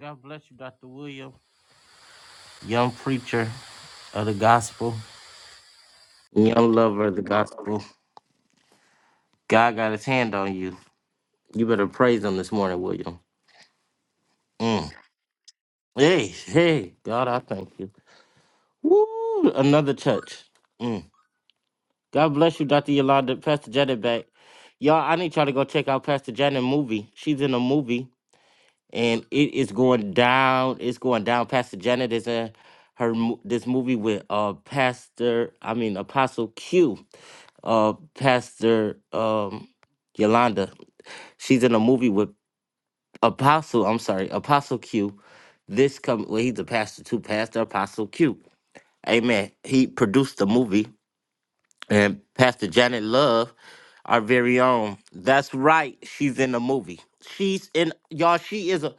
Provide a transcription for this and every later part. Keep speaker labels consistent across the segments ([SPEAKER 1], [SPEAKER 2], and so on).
[SPEAKER 1] God bless you, Dr. William, young preacher of the gospel, young lover of the gospel. God got his hand on you. You better praise him this morning, William. Mm. Hey, hey, God, I thank you. Woo, another touch. Mm. God bless you, Dr. Yolanda, Pastor Janet back. Y'all, I need y'all to go check out Pastor Janet movie. She's in a movie, and it is going down. It's going down. Pastor Janet is in her mo- this movie with uh Pastor, I mean Apostle Q uh Pastor um Yolanda. She's in a movie with Apostle, I'm sorry, Apostle Q. This come well, he's a pastor too, Pastor Apostle Q. Amen. He produced the movie and Pastor Janet Love, our very own. That's right. She's in the movie. She's in y'all, she is a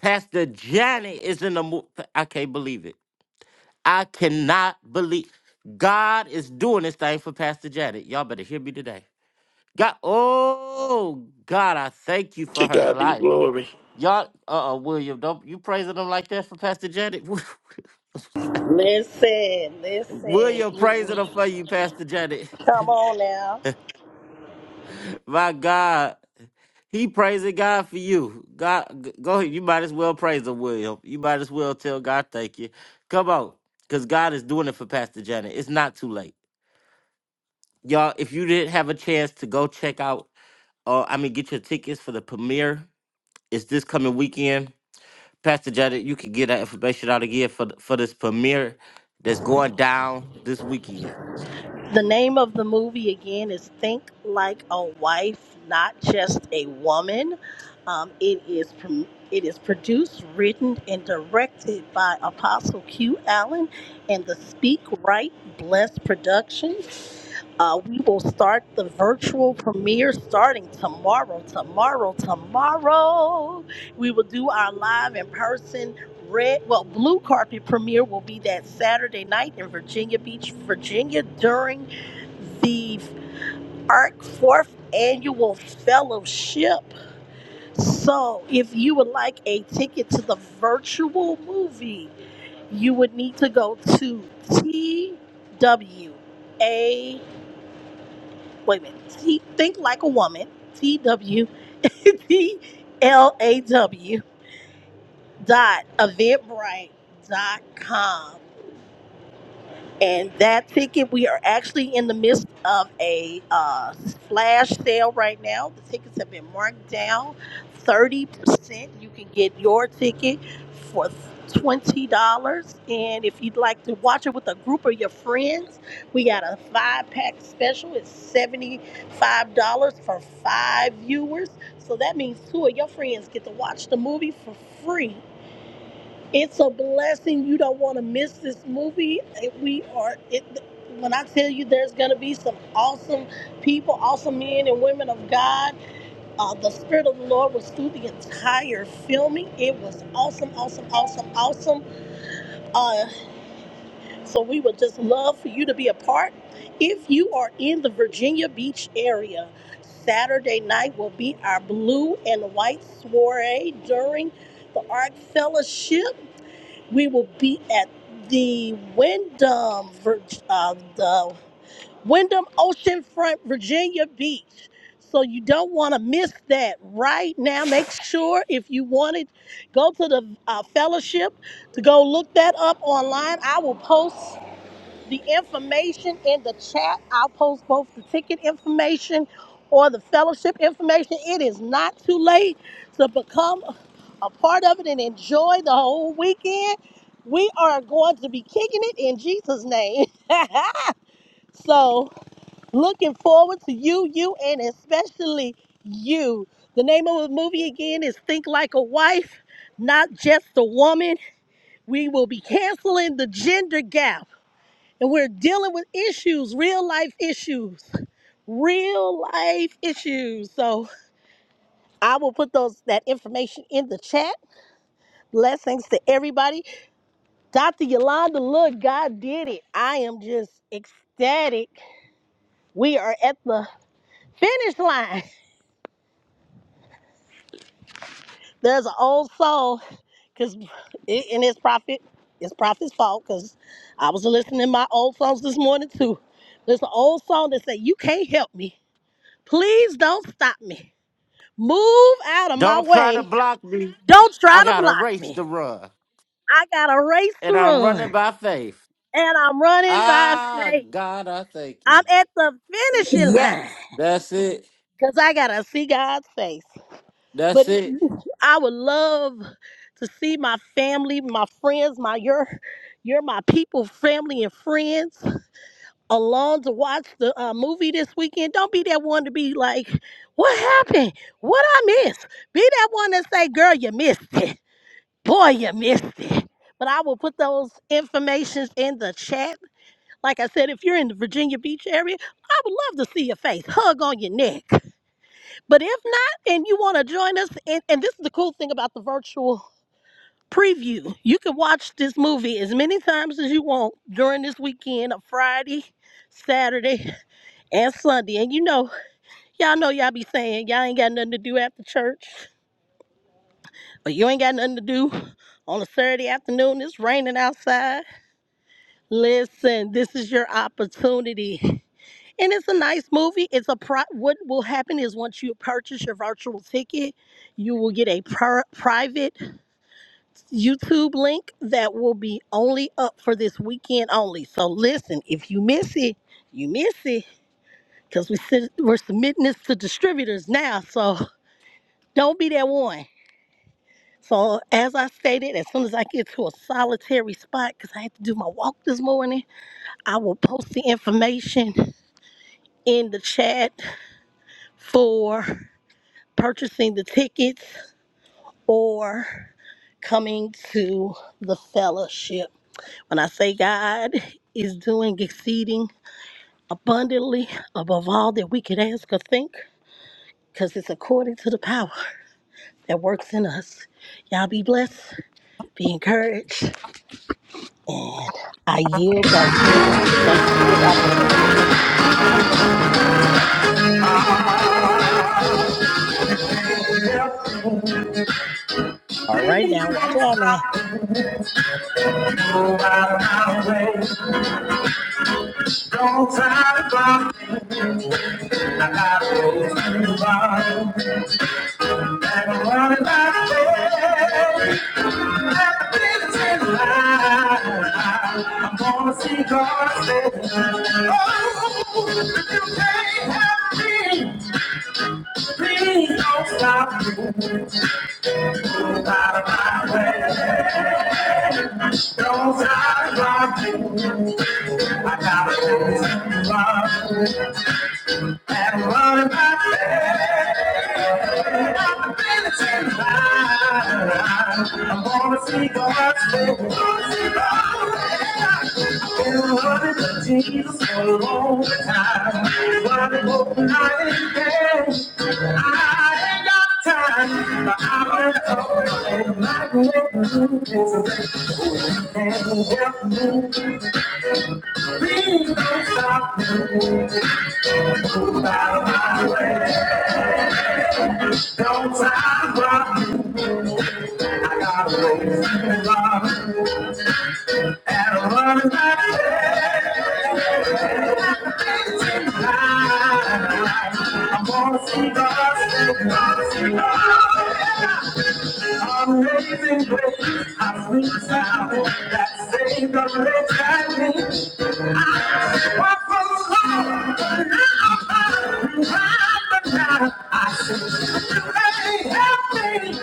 [SPEAKER 1] Pastor Janet is in the movie. I can't believe it. I cannot believe God is doing this thing for Pastor Janet. Y'all better hear me today. God, oh God, I thank you for
[SPEAKER 2] To
[SPEAKER 1] her
[SPEAKER 2] God be the
[SPEAKER 1] life.
[SPEAKER 2] glory.
[SPEAKER 1] Y'all, uh, uh William, don't you praising them like that for Pastor Janet?
[SPEAKER 3] Listen, listen.
[SPEAKER 1] William praising
[SPEAKER 3] Mm-mm.
[SPEAKER 1] them for you, Pastor Janet.
[SPEAKER 3] Come on now.
[SPEAKER 1] My God, he praising God for you. God, g- go ahead. You might as well praise him, William. You might as well tell God thank you. Come on, because God is doing it for Pastor Janet. It's not too late, y'all. If you didn't have a chance to go check out, uh, I mean, get your tickets for the premiere. It's this coming weekend Pastor Jada, you can get that information out again for th- for this premiere that's going down this weekend.
[SPEAKER 3] The name of the movie again is Think Like a Wife, Not Just a Woman. Um, it is prom- it is produced, written, and directed by Apostle Q Allen and the Speak Right Blessed Productions. Uh, we will start the virtual premiere starting tomorrow. Tomorrow, tomorrow, we will do our live in person Red, well, Blue Carpet premiere will be that Saturday night in Virginia Beach, Virginia, during the ARC fourth annual fellowship. So, if you would like a ticket to the virtual movie, you would need to go to TWA. Wait a minute. T, think like a woman. T W T L A W dot eventbrite dot com and that ticket we are actually in the midst of a uh, flash sale right now the tickets have been marked down 30% you can get your ticket for $20 and if you'd like to watch it with a group of your friends we got a five pack special it's $75 for five viewers so that means two of your friends get to watch the movie for free it's a blessing. You don't want to miss this movie. We are it. When I tell you, there's going to be some awesome people, awesome men and women of God. Uh, the Spirit of the Lord was through the entire filming. It was awesome, awesome, awesome, awesome. Uh, so we would just love for you to be a part. If you are in the Virginia Beach area, Saturday night will be our blue and white soiree during the Ark Fellowship we will be at the Wyndham, Vir- uh, the Wyndham Oceanfront, Virginia Beach. So you don't want to miss that right now. Make sure if you want it, go to the uh, fellowship to go look that up online. I will post the information in the chat. I'll post both the ticket information or the fellowship information. It is not too late to become a part of it and enjoy the whole weekend. We are going to be kicking it in Jesus' name. so, looking forward to you, you, and especially you. The name of the movie again is Think Like a Wife, Not Just a Woman. We will be canceling the gender gap and we're dealing with issues, real life issues. Real life issues. So I will put those that information in the chat. Blessings to everybody. Dr. Yolanda, look, God did it. I am just ecstatic. We are at the finish line. There's an old soul, because it, and it's prophet, it's prophet's fault, because I was listening to my old songs this morning too. There's an old song that say, "You can't help me. Please don't stop me. Move out of my
[SPEAKER 1] Don't try to
[SPEAKER 3] way.
[SPEAKER 1] block me.
[SPEAKER 3] Don't
[SPEAKER 1] I
[SPEAKER 3] try to
[SPEAKER 1] got a
[SPEAKER 3] block
[SPEAKER 1] race
[SPEAKER 3] me.
[SPEAKER 1] to run,
[SPEAKER 3] I got a race
[SPEAKER 1] and
[SPEAKER 3] to
[SPEAKER 1] I'm running
[SPEAKER 3] run,
[SPEAKER 1] by faith.
[SPEAKER 3] and I'm running by
[SPEAKER 1] Ah,
[SPEAKER 3] faith.
[SPEAKER 1] God, I thank you.
[SPEAKER 3] I'm at the finishing
[SPEAKER 4] Yes.
[SPEAKER 3] line."
[SPEAKER 1] That's it.
[SPEAKER 3] Cause I gotta see God's face.
[SPEAKER 1] That's
[SPEAKER 3] But it-
[SPEAKER 1] it.
[SPEAKER 3] I would love to see my family, my friends, my your, you're my people, family and friends along to watch the uh, movie this weekend. Don't be that one to be like, "What happened? What I missed?" Be that one that say, "Girl, you missed it. Boy, you missed it." But I will put those informations in the chat. Like I said, if you're in the Virginia Beach area, I would love to see your face, hug on your neck. But if not, and you want to join us, and, and this is the cool thing about the virtual preview, you can watch this movie as many times as you want during this weekend of Friday, Saturday, and Sunday. And you know, y'all know y'all be saying y'all ain't got nothing to do after church, or you ain't got nothing to do on a Saturday afternoon. It's raining outside. Listen, this is your opportunity. And it's a nice movie. It's a pri- what will happen is once you purchase your virtual ticket, you will get a pri- private YouTube link that will be only up for this weekend only. So listen, if you miss it, you miss it because we sit- we're submitting this to distributors now. So don't be that one. So as I stated, as soon as I get to a solitary spot, because I had to do my walk this morning, I will post the information in the chat for purchasing the tickets or coming to the fellowship. When I say God is doing exceeding abundantly above all that we could ask or think, because it's according to the power that works in us. Y'all be blessed, be encouraged. I yield back to you, Prophet. Thank you for this opportunity. All
[SPEAKER 1] Go
[SPEAKER 3] right, now, watch out now.
[SPEAKER 1] out my way. Don't try to block me. I got a way to run. And I'm running by faith. I'm gonna see God save me. Oh, if you can't help me, please don't stop me. Out of my way. Don't stop to rob I gotta do something. And what about faith? I've been in I'm gonna see God's way. I'm gonna see God's way. I've Been running to Jesus for a long time. Running both night and day. I ain't got time, but I've been talking and my grip is and help me. Please don't stop me. Bye bye. Don't I rob you? I got a rose and a robin and a running back. I'm gonna see God, see God, see God. Amazing grace, how sweet sound that saved a wretch like me. What for love, but now I'm found, but now I see. Hey, help me!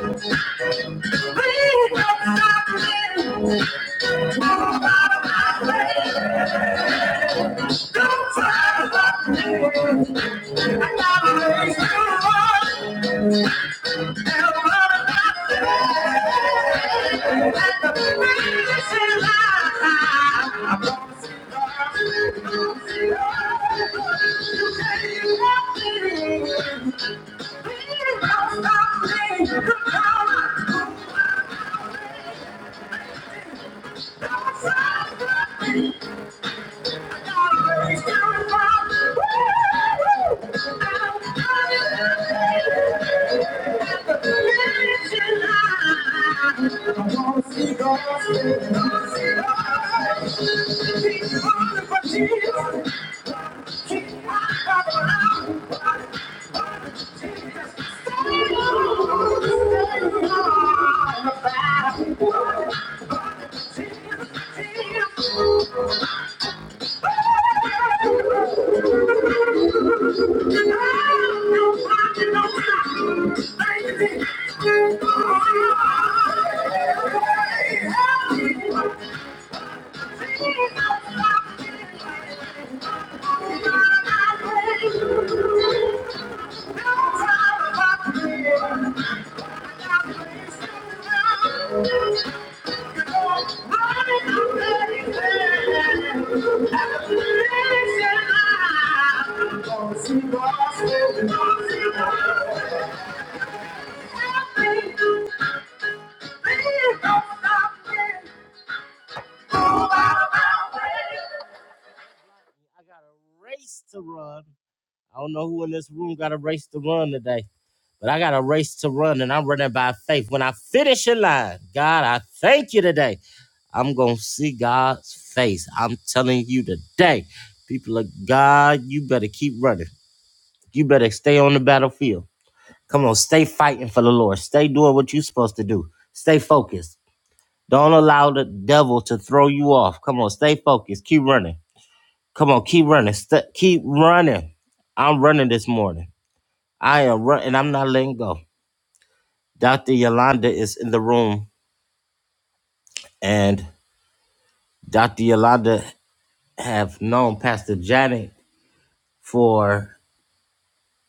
[SPEAKER 1] Thank you. Jesus. Thank you. Thank Please don't stop me. Move out of my way. race to run. I don't know who in this room got a race to run today, but I got a race to run and I'm running by faith. When I finish in line, God, I thank you today. I'm going to see God's face. I'm telling you today, people of God, you better keep running. You better stay on the battlefield. Come on, stay fighting for the Lord. Stay doing what you're supposed to do. Stay focused. Don't allow the devil to throw you off. Come on, stay focused. Keep running. Come on, keep running. St- keep running. I'm running this morning. I am running. I'm not letting go. Dr. Yolanda is in the room, and Dr. Yolanda have known Pastor Janet for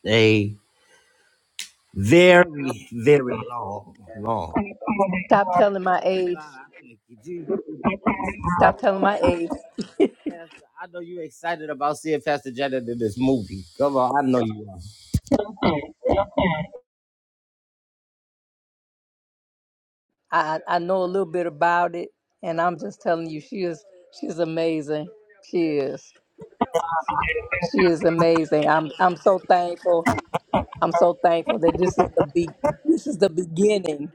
[SPEAKER 1] a very, very long, long.
[SPEAKER 4] Stop telling my
[SPEAKER 1] God,
[SPEAKER 4] age.
[SPEAKER 1] I thank you, Jesus.
[SPEAKER 4] Stop telling my age.
[SPEAKER 1] Pastor, I know you're excited about seeing Pastor Janet in this movie. Come on, I know you are.
[SPEAKER 4] I I know a little bit about it, and I'm just telling you, she is she's amazing. She is she is amazing. I'm I'm so thankful. I'm so thankful that this is the be this is the beginning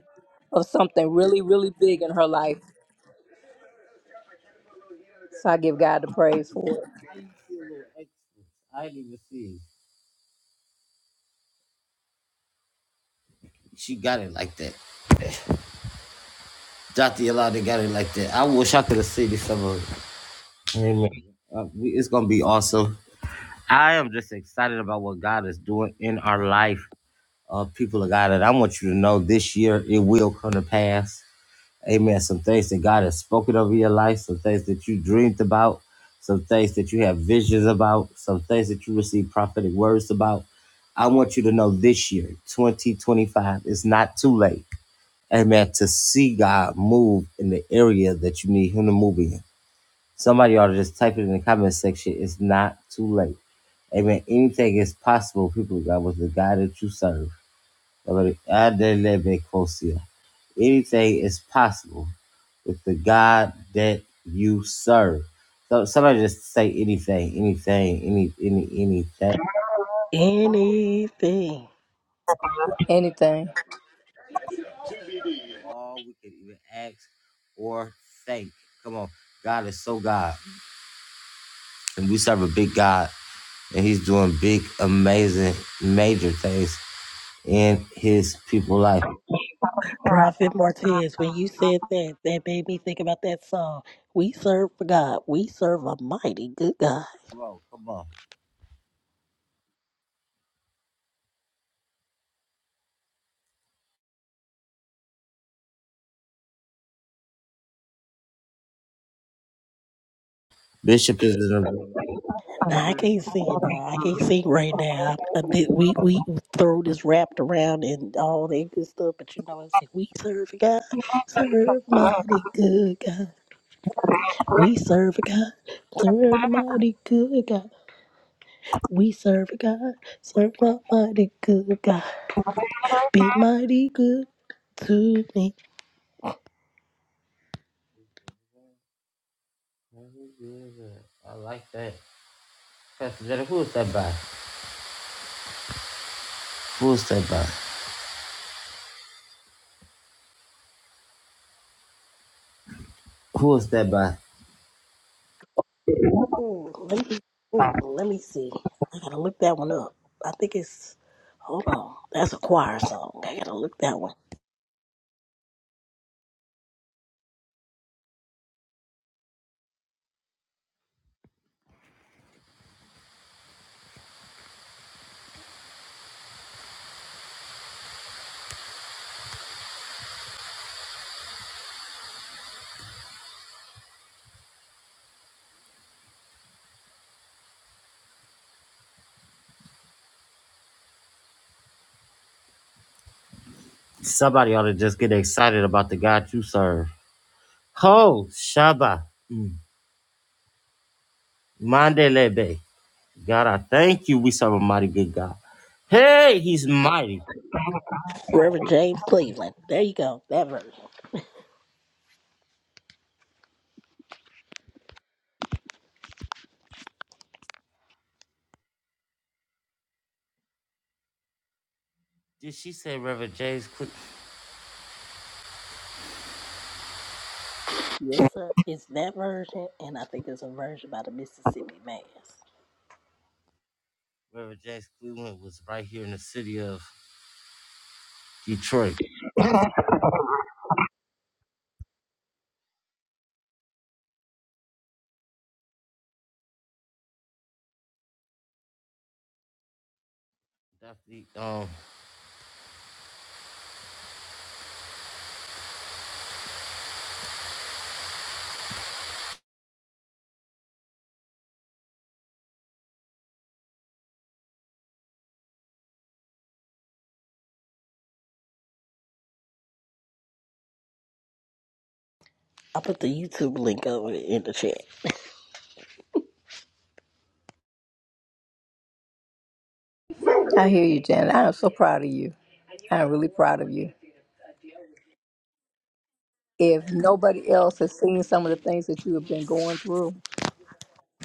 [SPEAKER 4] of something really really big in her life. So I give God the praise for it.
[SPEAKER 1] How you see a little extra? I didn't even see it. She got it like that. Dr. Yolanda got it like that. I wish I could have seen this some of it. Amen. Uh, we, it's gonna be awesome. I am just excited about what God is doing in our life, uh, people of God. And I want you to know this year it will come to pass. Amen. Some things that God has spoken over your life, some things that you dreamed about, some things that you have visions about, some things that you receive prophetic words about. I want you to know this year, 2025, it's not too late. Amen. To see God move in the area that you need Him to move in. Somebody ought to just type it in the comment section. It's not too late. Amen. Anything is possible, people of God, with the God that you serve. Anything is possible with the God that you serve. So somebody just say anything, anything, any, any, anything.
[SPEAKER 3] Anything.
[SPEAKER 4] Anything.
[SPEAKER 1] All we can even ask or think. Come on, God is so God, and we serve a big God and he's doing big, amazing, major things in his people life. Come
[SPEAKER 3] Prophet Martez, when you said that, that made me think about that song. We serve a God. We serve a mighty good God.
[SPEAKER 1] on, come on. Bishop is in the
[SPEAKER 3] Now I can't sing now. I can't sing right now. i I'm we we throw this wrapped around and all that good stuff, but you know I say we serve a God, serve a mighty good God. We serve a God, serve the mighty good God. We serve a God, serve a mighty good God. Be mighty good to me.
[SPEAKER 1] I like that. Pastor Jenny, who is that by? Who is that by? Who is that by?
[SPEAKER 3] Ooh, let me, ooh, let me see. I gotta look that one up. I think it's, hold on, that's a choir song. I gotta look that one.
[SPEAKER 1] Somebody ought to just get excited about the God you serve. Ho, Shabbat, mm, Mandelebe. God, I thank you. We serve a mighty good God. Hey, he's mighty.
[SPEAKER 3] Reverend James Cleveland. There you go, that version.
[SPEAKER 1] Did she say Reverend James Cle-
[SPEAKER 3] Yes, sir. It's that version, and I think it's a version by the Mississippi Mass.
[SPEAKER 1] Reverend James Cleveland was right here in the city of Detroit? Definitely. Um,
[SPEAKER 3] I put the YouTube link over in the chat.
[SPEAKER 4] I hear you, Janet. I am so proud of you. I'm really proud of you. If nobody else has seen some of the things that you have been going through,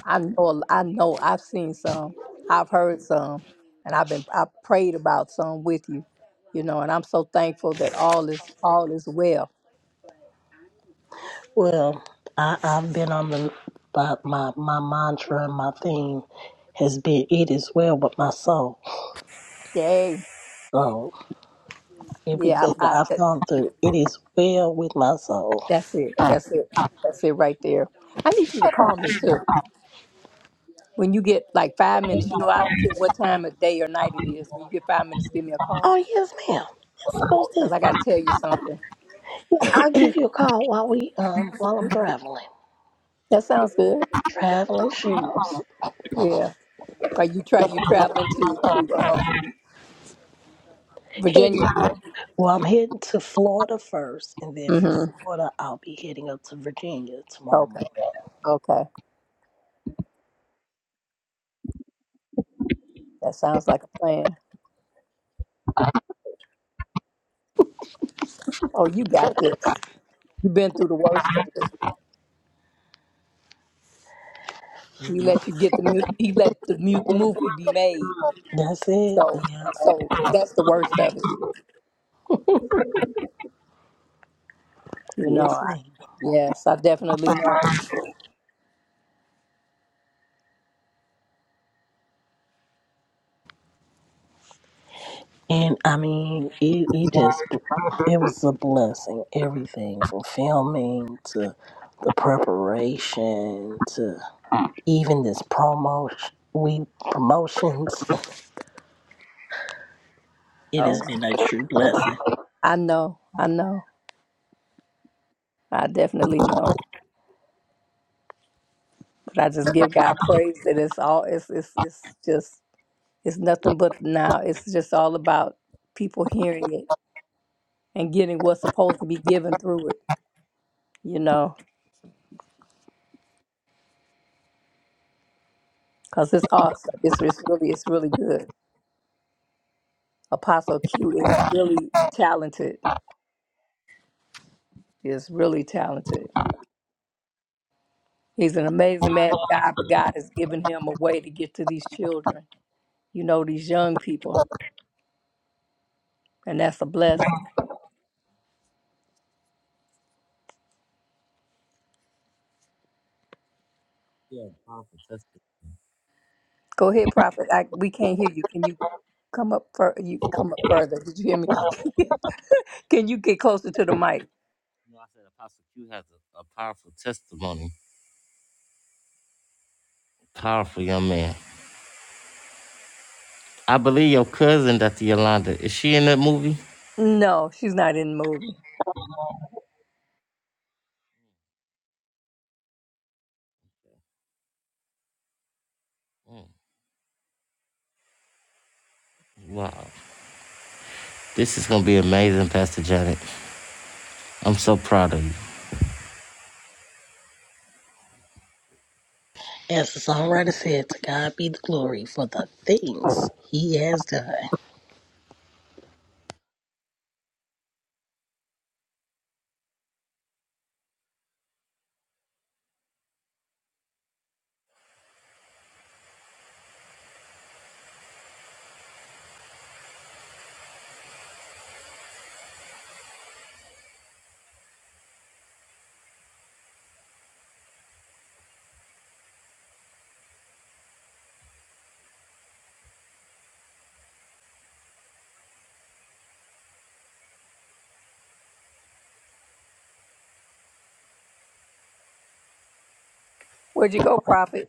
[SPEAKER 4] I know, I know, I've seen some, I've heard some, and I've been, I prayed about some with you, you know, and I'm so thankful that all is, all is well.
[SPEAKER 3] Well, I, I've been on the, my, my, my mantra and my theme has been, it is well with my soul.
[SPEAKER 4] Yay.
[SPEAKER 3] So,
[SPEAKER 4] Yeah.
[SPEAKER 3] everything
[SPEAKER 4] I,
[SPEAKER 3] that
[SPEAKER 4] I,
[SPEAKER 3] I've
[SPEAKER 4] that,
[SPEAKER 3] gone through, it is well with my soul.
[SPEAKER 4] that's it. That's it. That's it right there. I need you to call me too. When you get like five minutes, you know, I don't care what time of day or night it is. When you get five minutes, give me a call
[SPEAKER 3] Oh yes, ma'am. Yes, most
[SPEAKER 4] because
[SPEAKER 3] definitely.
[SPEAKER 4] I got to tell you something.
[SPEAKER 3] Yeah, I'll give you a call while we um while I'm traveling.
[SPEAKER 4] That sounds good.
[SPEAKER 3] Traveling shoes.
[SPEAKER 4] Yeah. Are you tra- you traveling to, to, um, Virginia?
[SPEAKER 3] Heading well, I'm heading to Florida first, and then from
[SPEAKER 4] Mm-hmm.
[SPEAKER 3] Florida I'll be heading up to Virginia tomorrow
[SPEAKER 4] Okay.
[SPEAKER 3] morning.
[SPEAKER 4] Okay. That sounds like a plan. Oh, you got this. You've been through the worst of it. He
[SPEAKER 3] Mhm.
[SPEAKER 4] let you get the mu- he let the mu- movie be made.
[SPEAKER 3] That's it.
[SPEAKER 4] So
[SPEAKER 3] Yeah.
[SPEAKER 4] so that's the worst of it. You know.
[SPEAKER 3] Yes,
[SPEAKER 4] I,
[SPEAKER 3] ma'am.
[SPEAKER 4] yes, I definitely know.
[SPEAKER 3] And I mean, it, it just bl- it was a blessing. Everything from filming to the preparation to even this promotion we promotions. It has
[SPEAKER 4] Oh,
[SPEAKER 3] been a true blessing.
[SPEAKER 4] I know. I know. I definitely know. But I just give God praise that it's all it's it's it's just it's nothing but now. It's just all about people hearing it and getting what's supposed to be given through it. You know, because it's awesome. It's it's really it's really good. Apostle Q is really talented. He is really talented. He's an amazing man of God, but God has given him a way to get to these children. You know, these young people, and that's a blessing.
[SPEAKER 1] yeah, powerful testimony.
[SPEAKER 4] Go ahead, Prophet. I, we can't hear you. Can you come up? Fur- you come up further. Did you hear me? Can you get closer to the mic?
[SPEAKER 1] You know, I said Apostle Q has a, a powerful testimony. Powerful young man. I believe your cousin, Dr. Yolanda, is she in that movie?
[SPEAKER 4] No, she's not in the movie.
[SPEAKER 1] Mm, wow. This is gonna be amazing, Pastor Janet. I'm so proud of you.
[SPEAKER 3] As the songwriter said, to God be the glory for the things he has done.
[SPEAKER 4] Where'd you go, Prophet?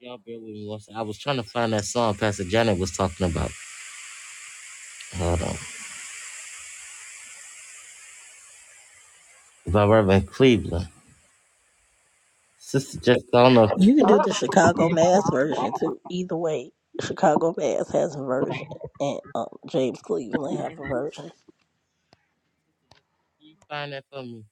[SPEAKER 1] Y'all bear with me one second. I was trying to find that song Pastor Janet was talking about. Hold on. By Reverend Cleveland. Sister Jessica, I don't know. Can
[SPEAKER 3] You can do the Chicago Mass version too. Either way, Chicago Mass has a version, and um, James Cleveland have a version.
[SPEAKER 1] you find that for me?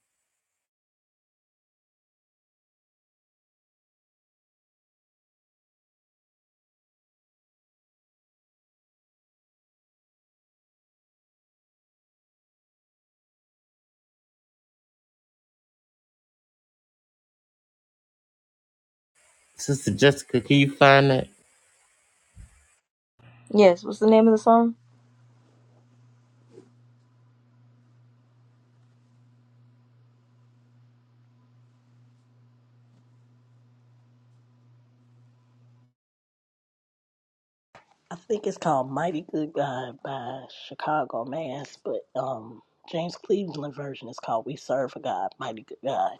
[SPEAKER 1] Sister Jessica, can you find that?
[SPEAKER 5] Yes, what's the name of the song?
[SPEAKER 3] I think it's called Mighty Good God by Chicago Mass, but um, James Cleveland version is called We Serve a God, Mighty Good God.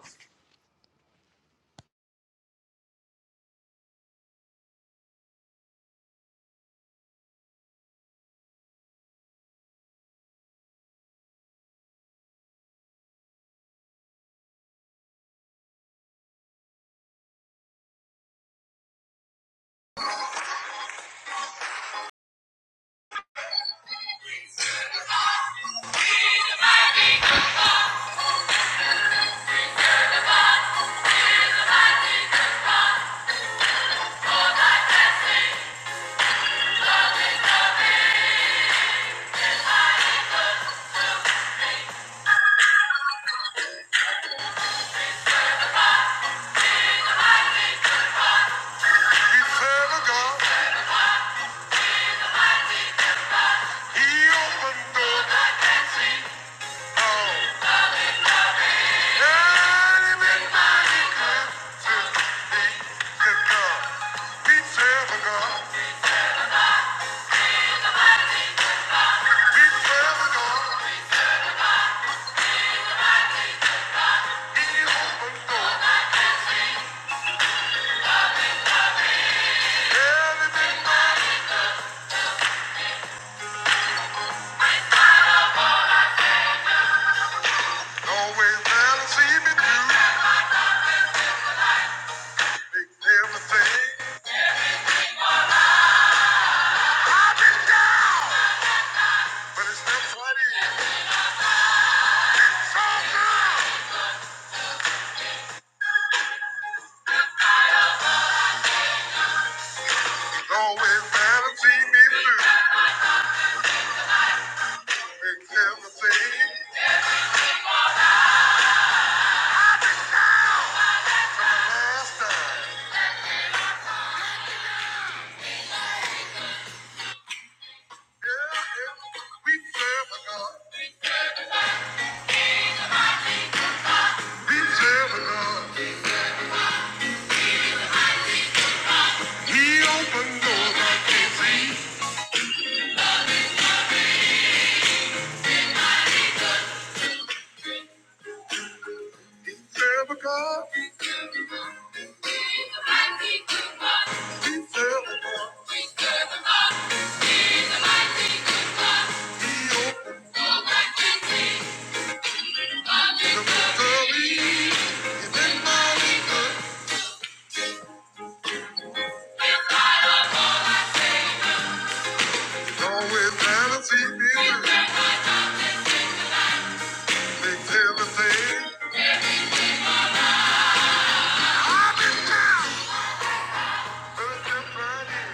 [SPEAKER 5] everything from the last time. Yeah, yeah. We serve a God. He's ever He opened doors I've He's ever He opened the mystery. He's in my liquor. He's always fantasy building. Takes everything. I've been down. Thursday, Friday.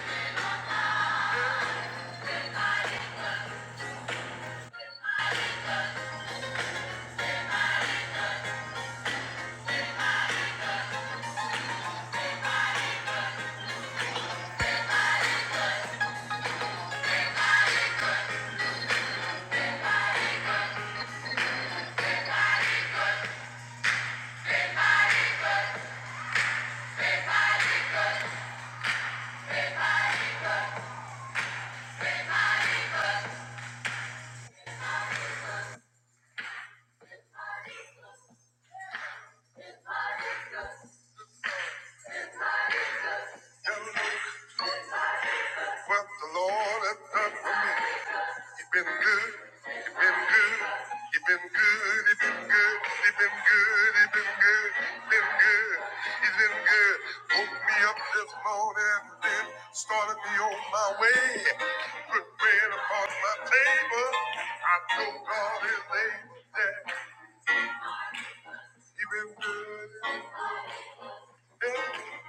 [SPEAKER 5] What the Lord has done for me. He's been good. He's been good. He's been good. He's been good. He's been good. He's been good. he's Been good. He's been good. Woke me up this morning and then started me on my way. Put bread upon my table. I know God is able. He's been good. Yes,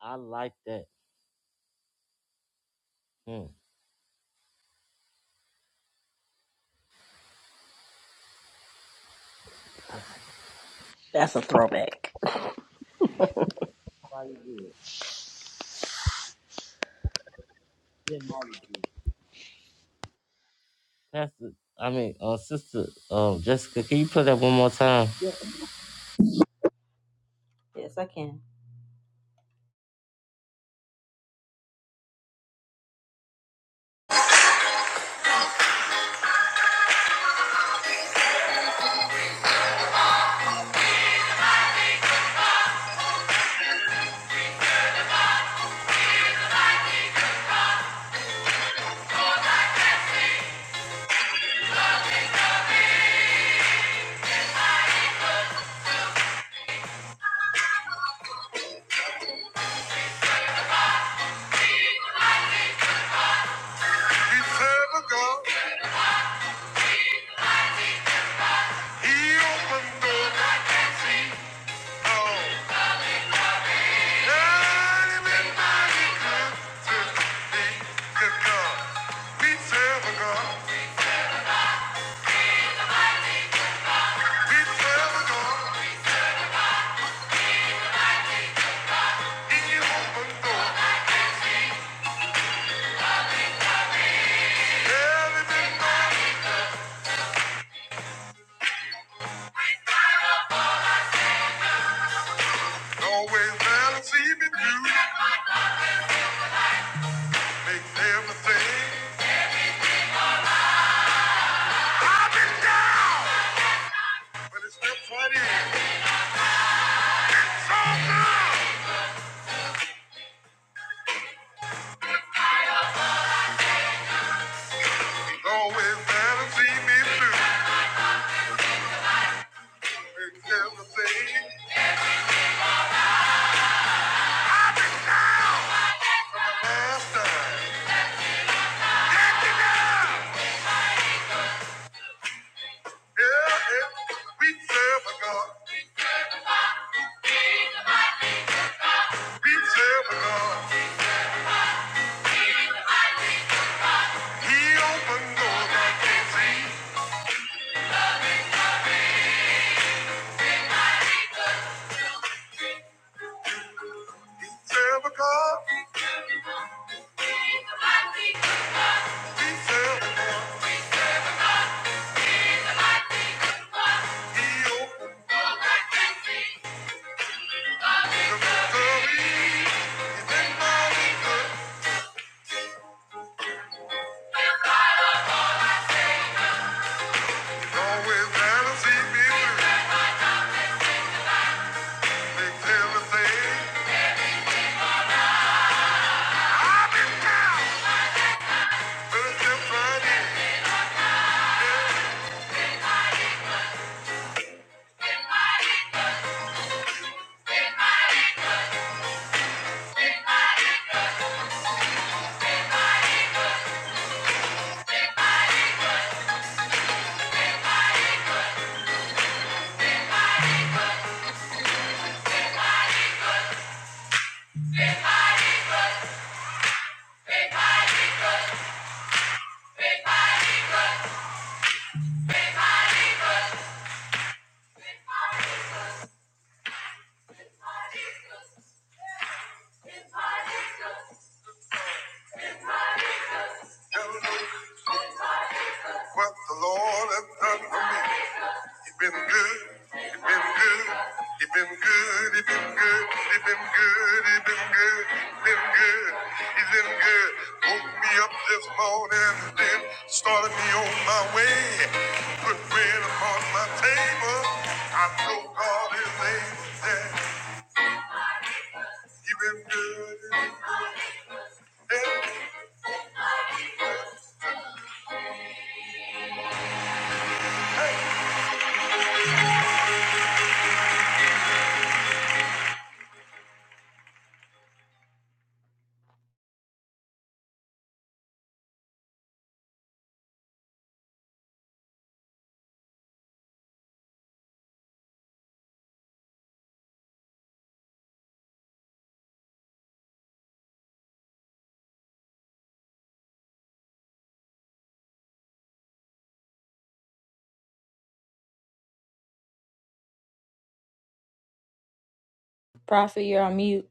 [SPEAKER 1] I like that. Hmm.
[SPEAKER 3] That's a throwback.
[SPEAKER 1] Probably good. Yeah, Molly Pastor, I mean, uh, Sister, um, Jessica, can you play that one more time?
[SPEAKER 5] I can. We serve a God. He opens doors. Oh. Always balance, see me through. Makes everything my last time. Yeah, yeah. We serve a God. We serve a God. He opened doors I can't see. Sarah because he said he opened the mystery. He's been my leader. He's always there to see me Makes everything. I've been down, but it's trying to tell what the Lord has done for me. It been good, it been good, it been good, it been good, it been good, it been good, it been good, it been good. Woke me up this morning and then started me on my way. Put bread upon my table. I know God is able. Yeah, He been good. Prophet, you're on mute.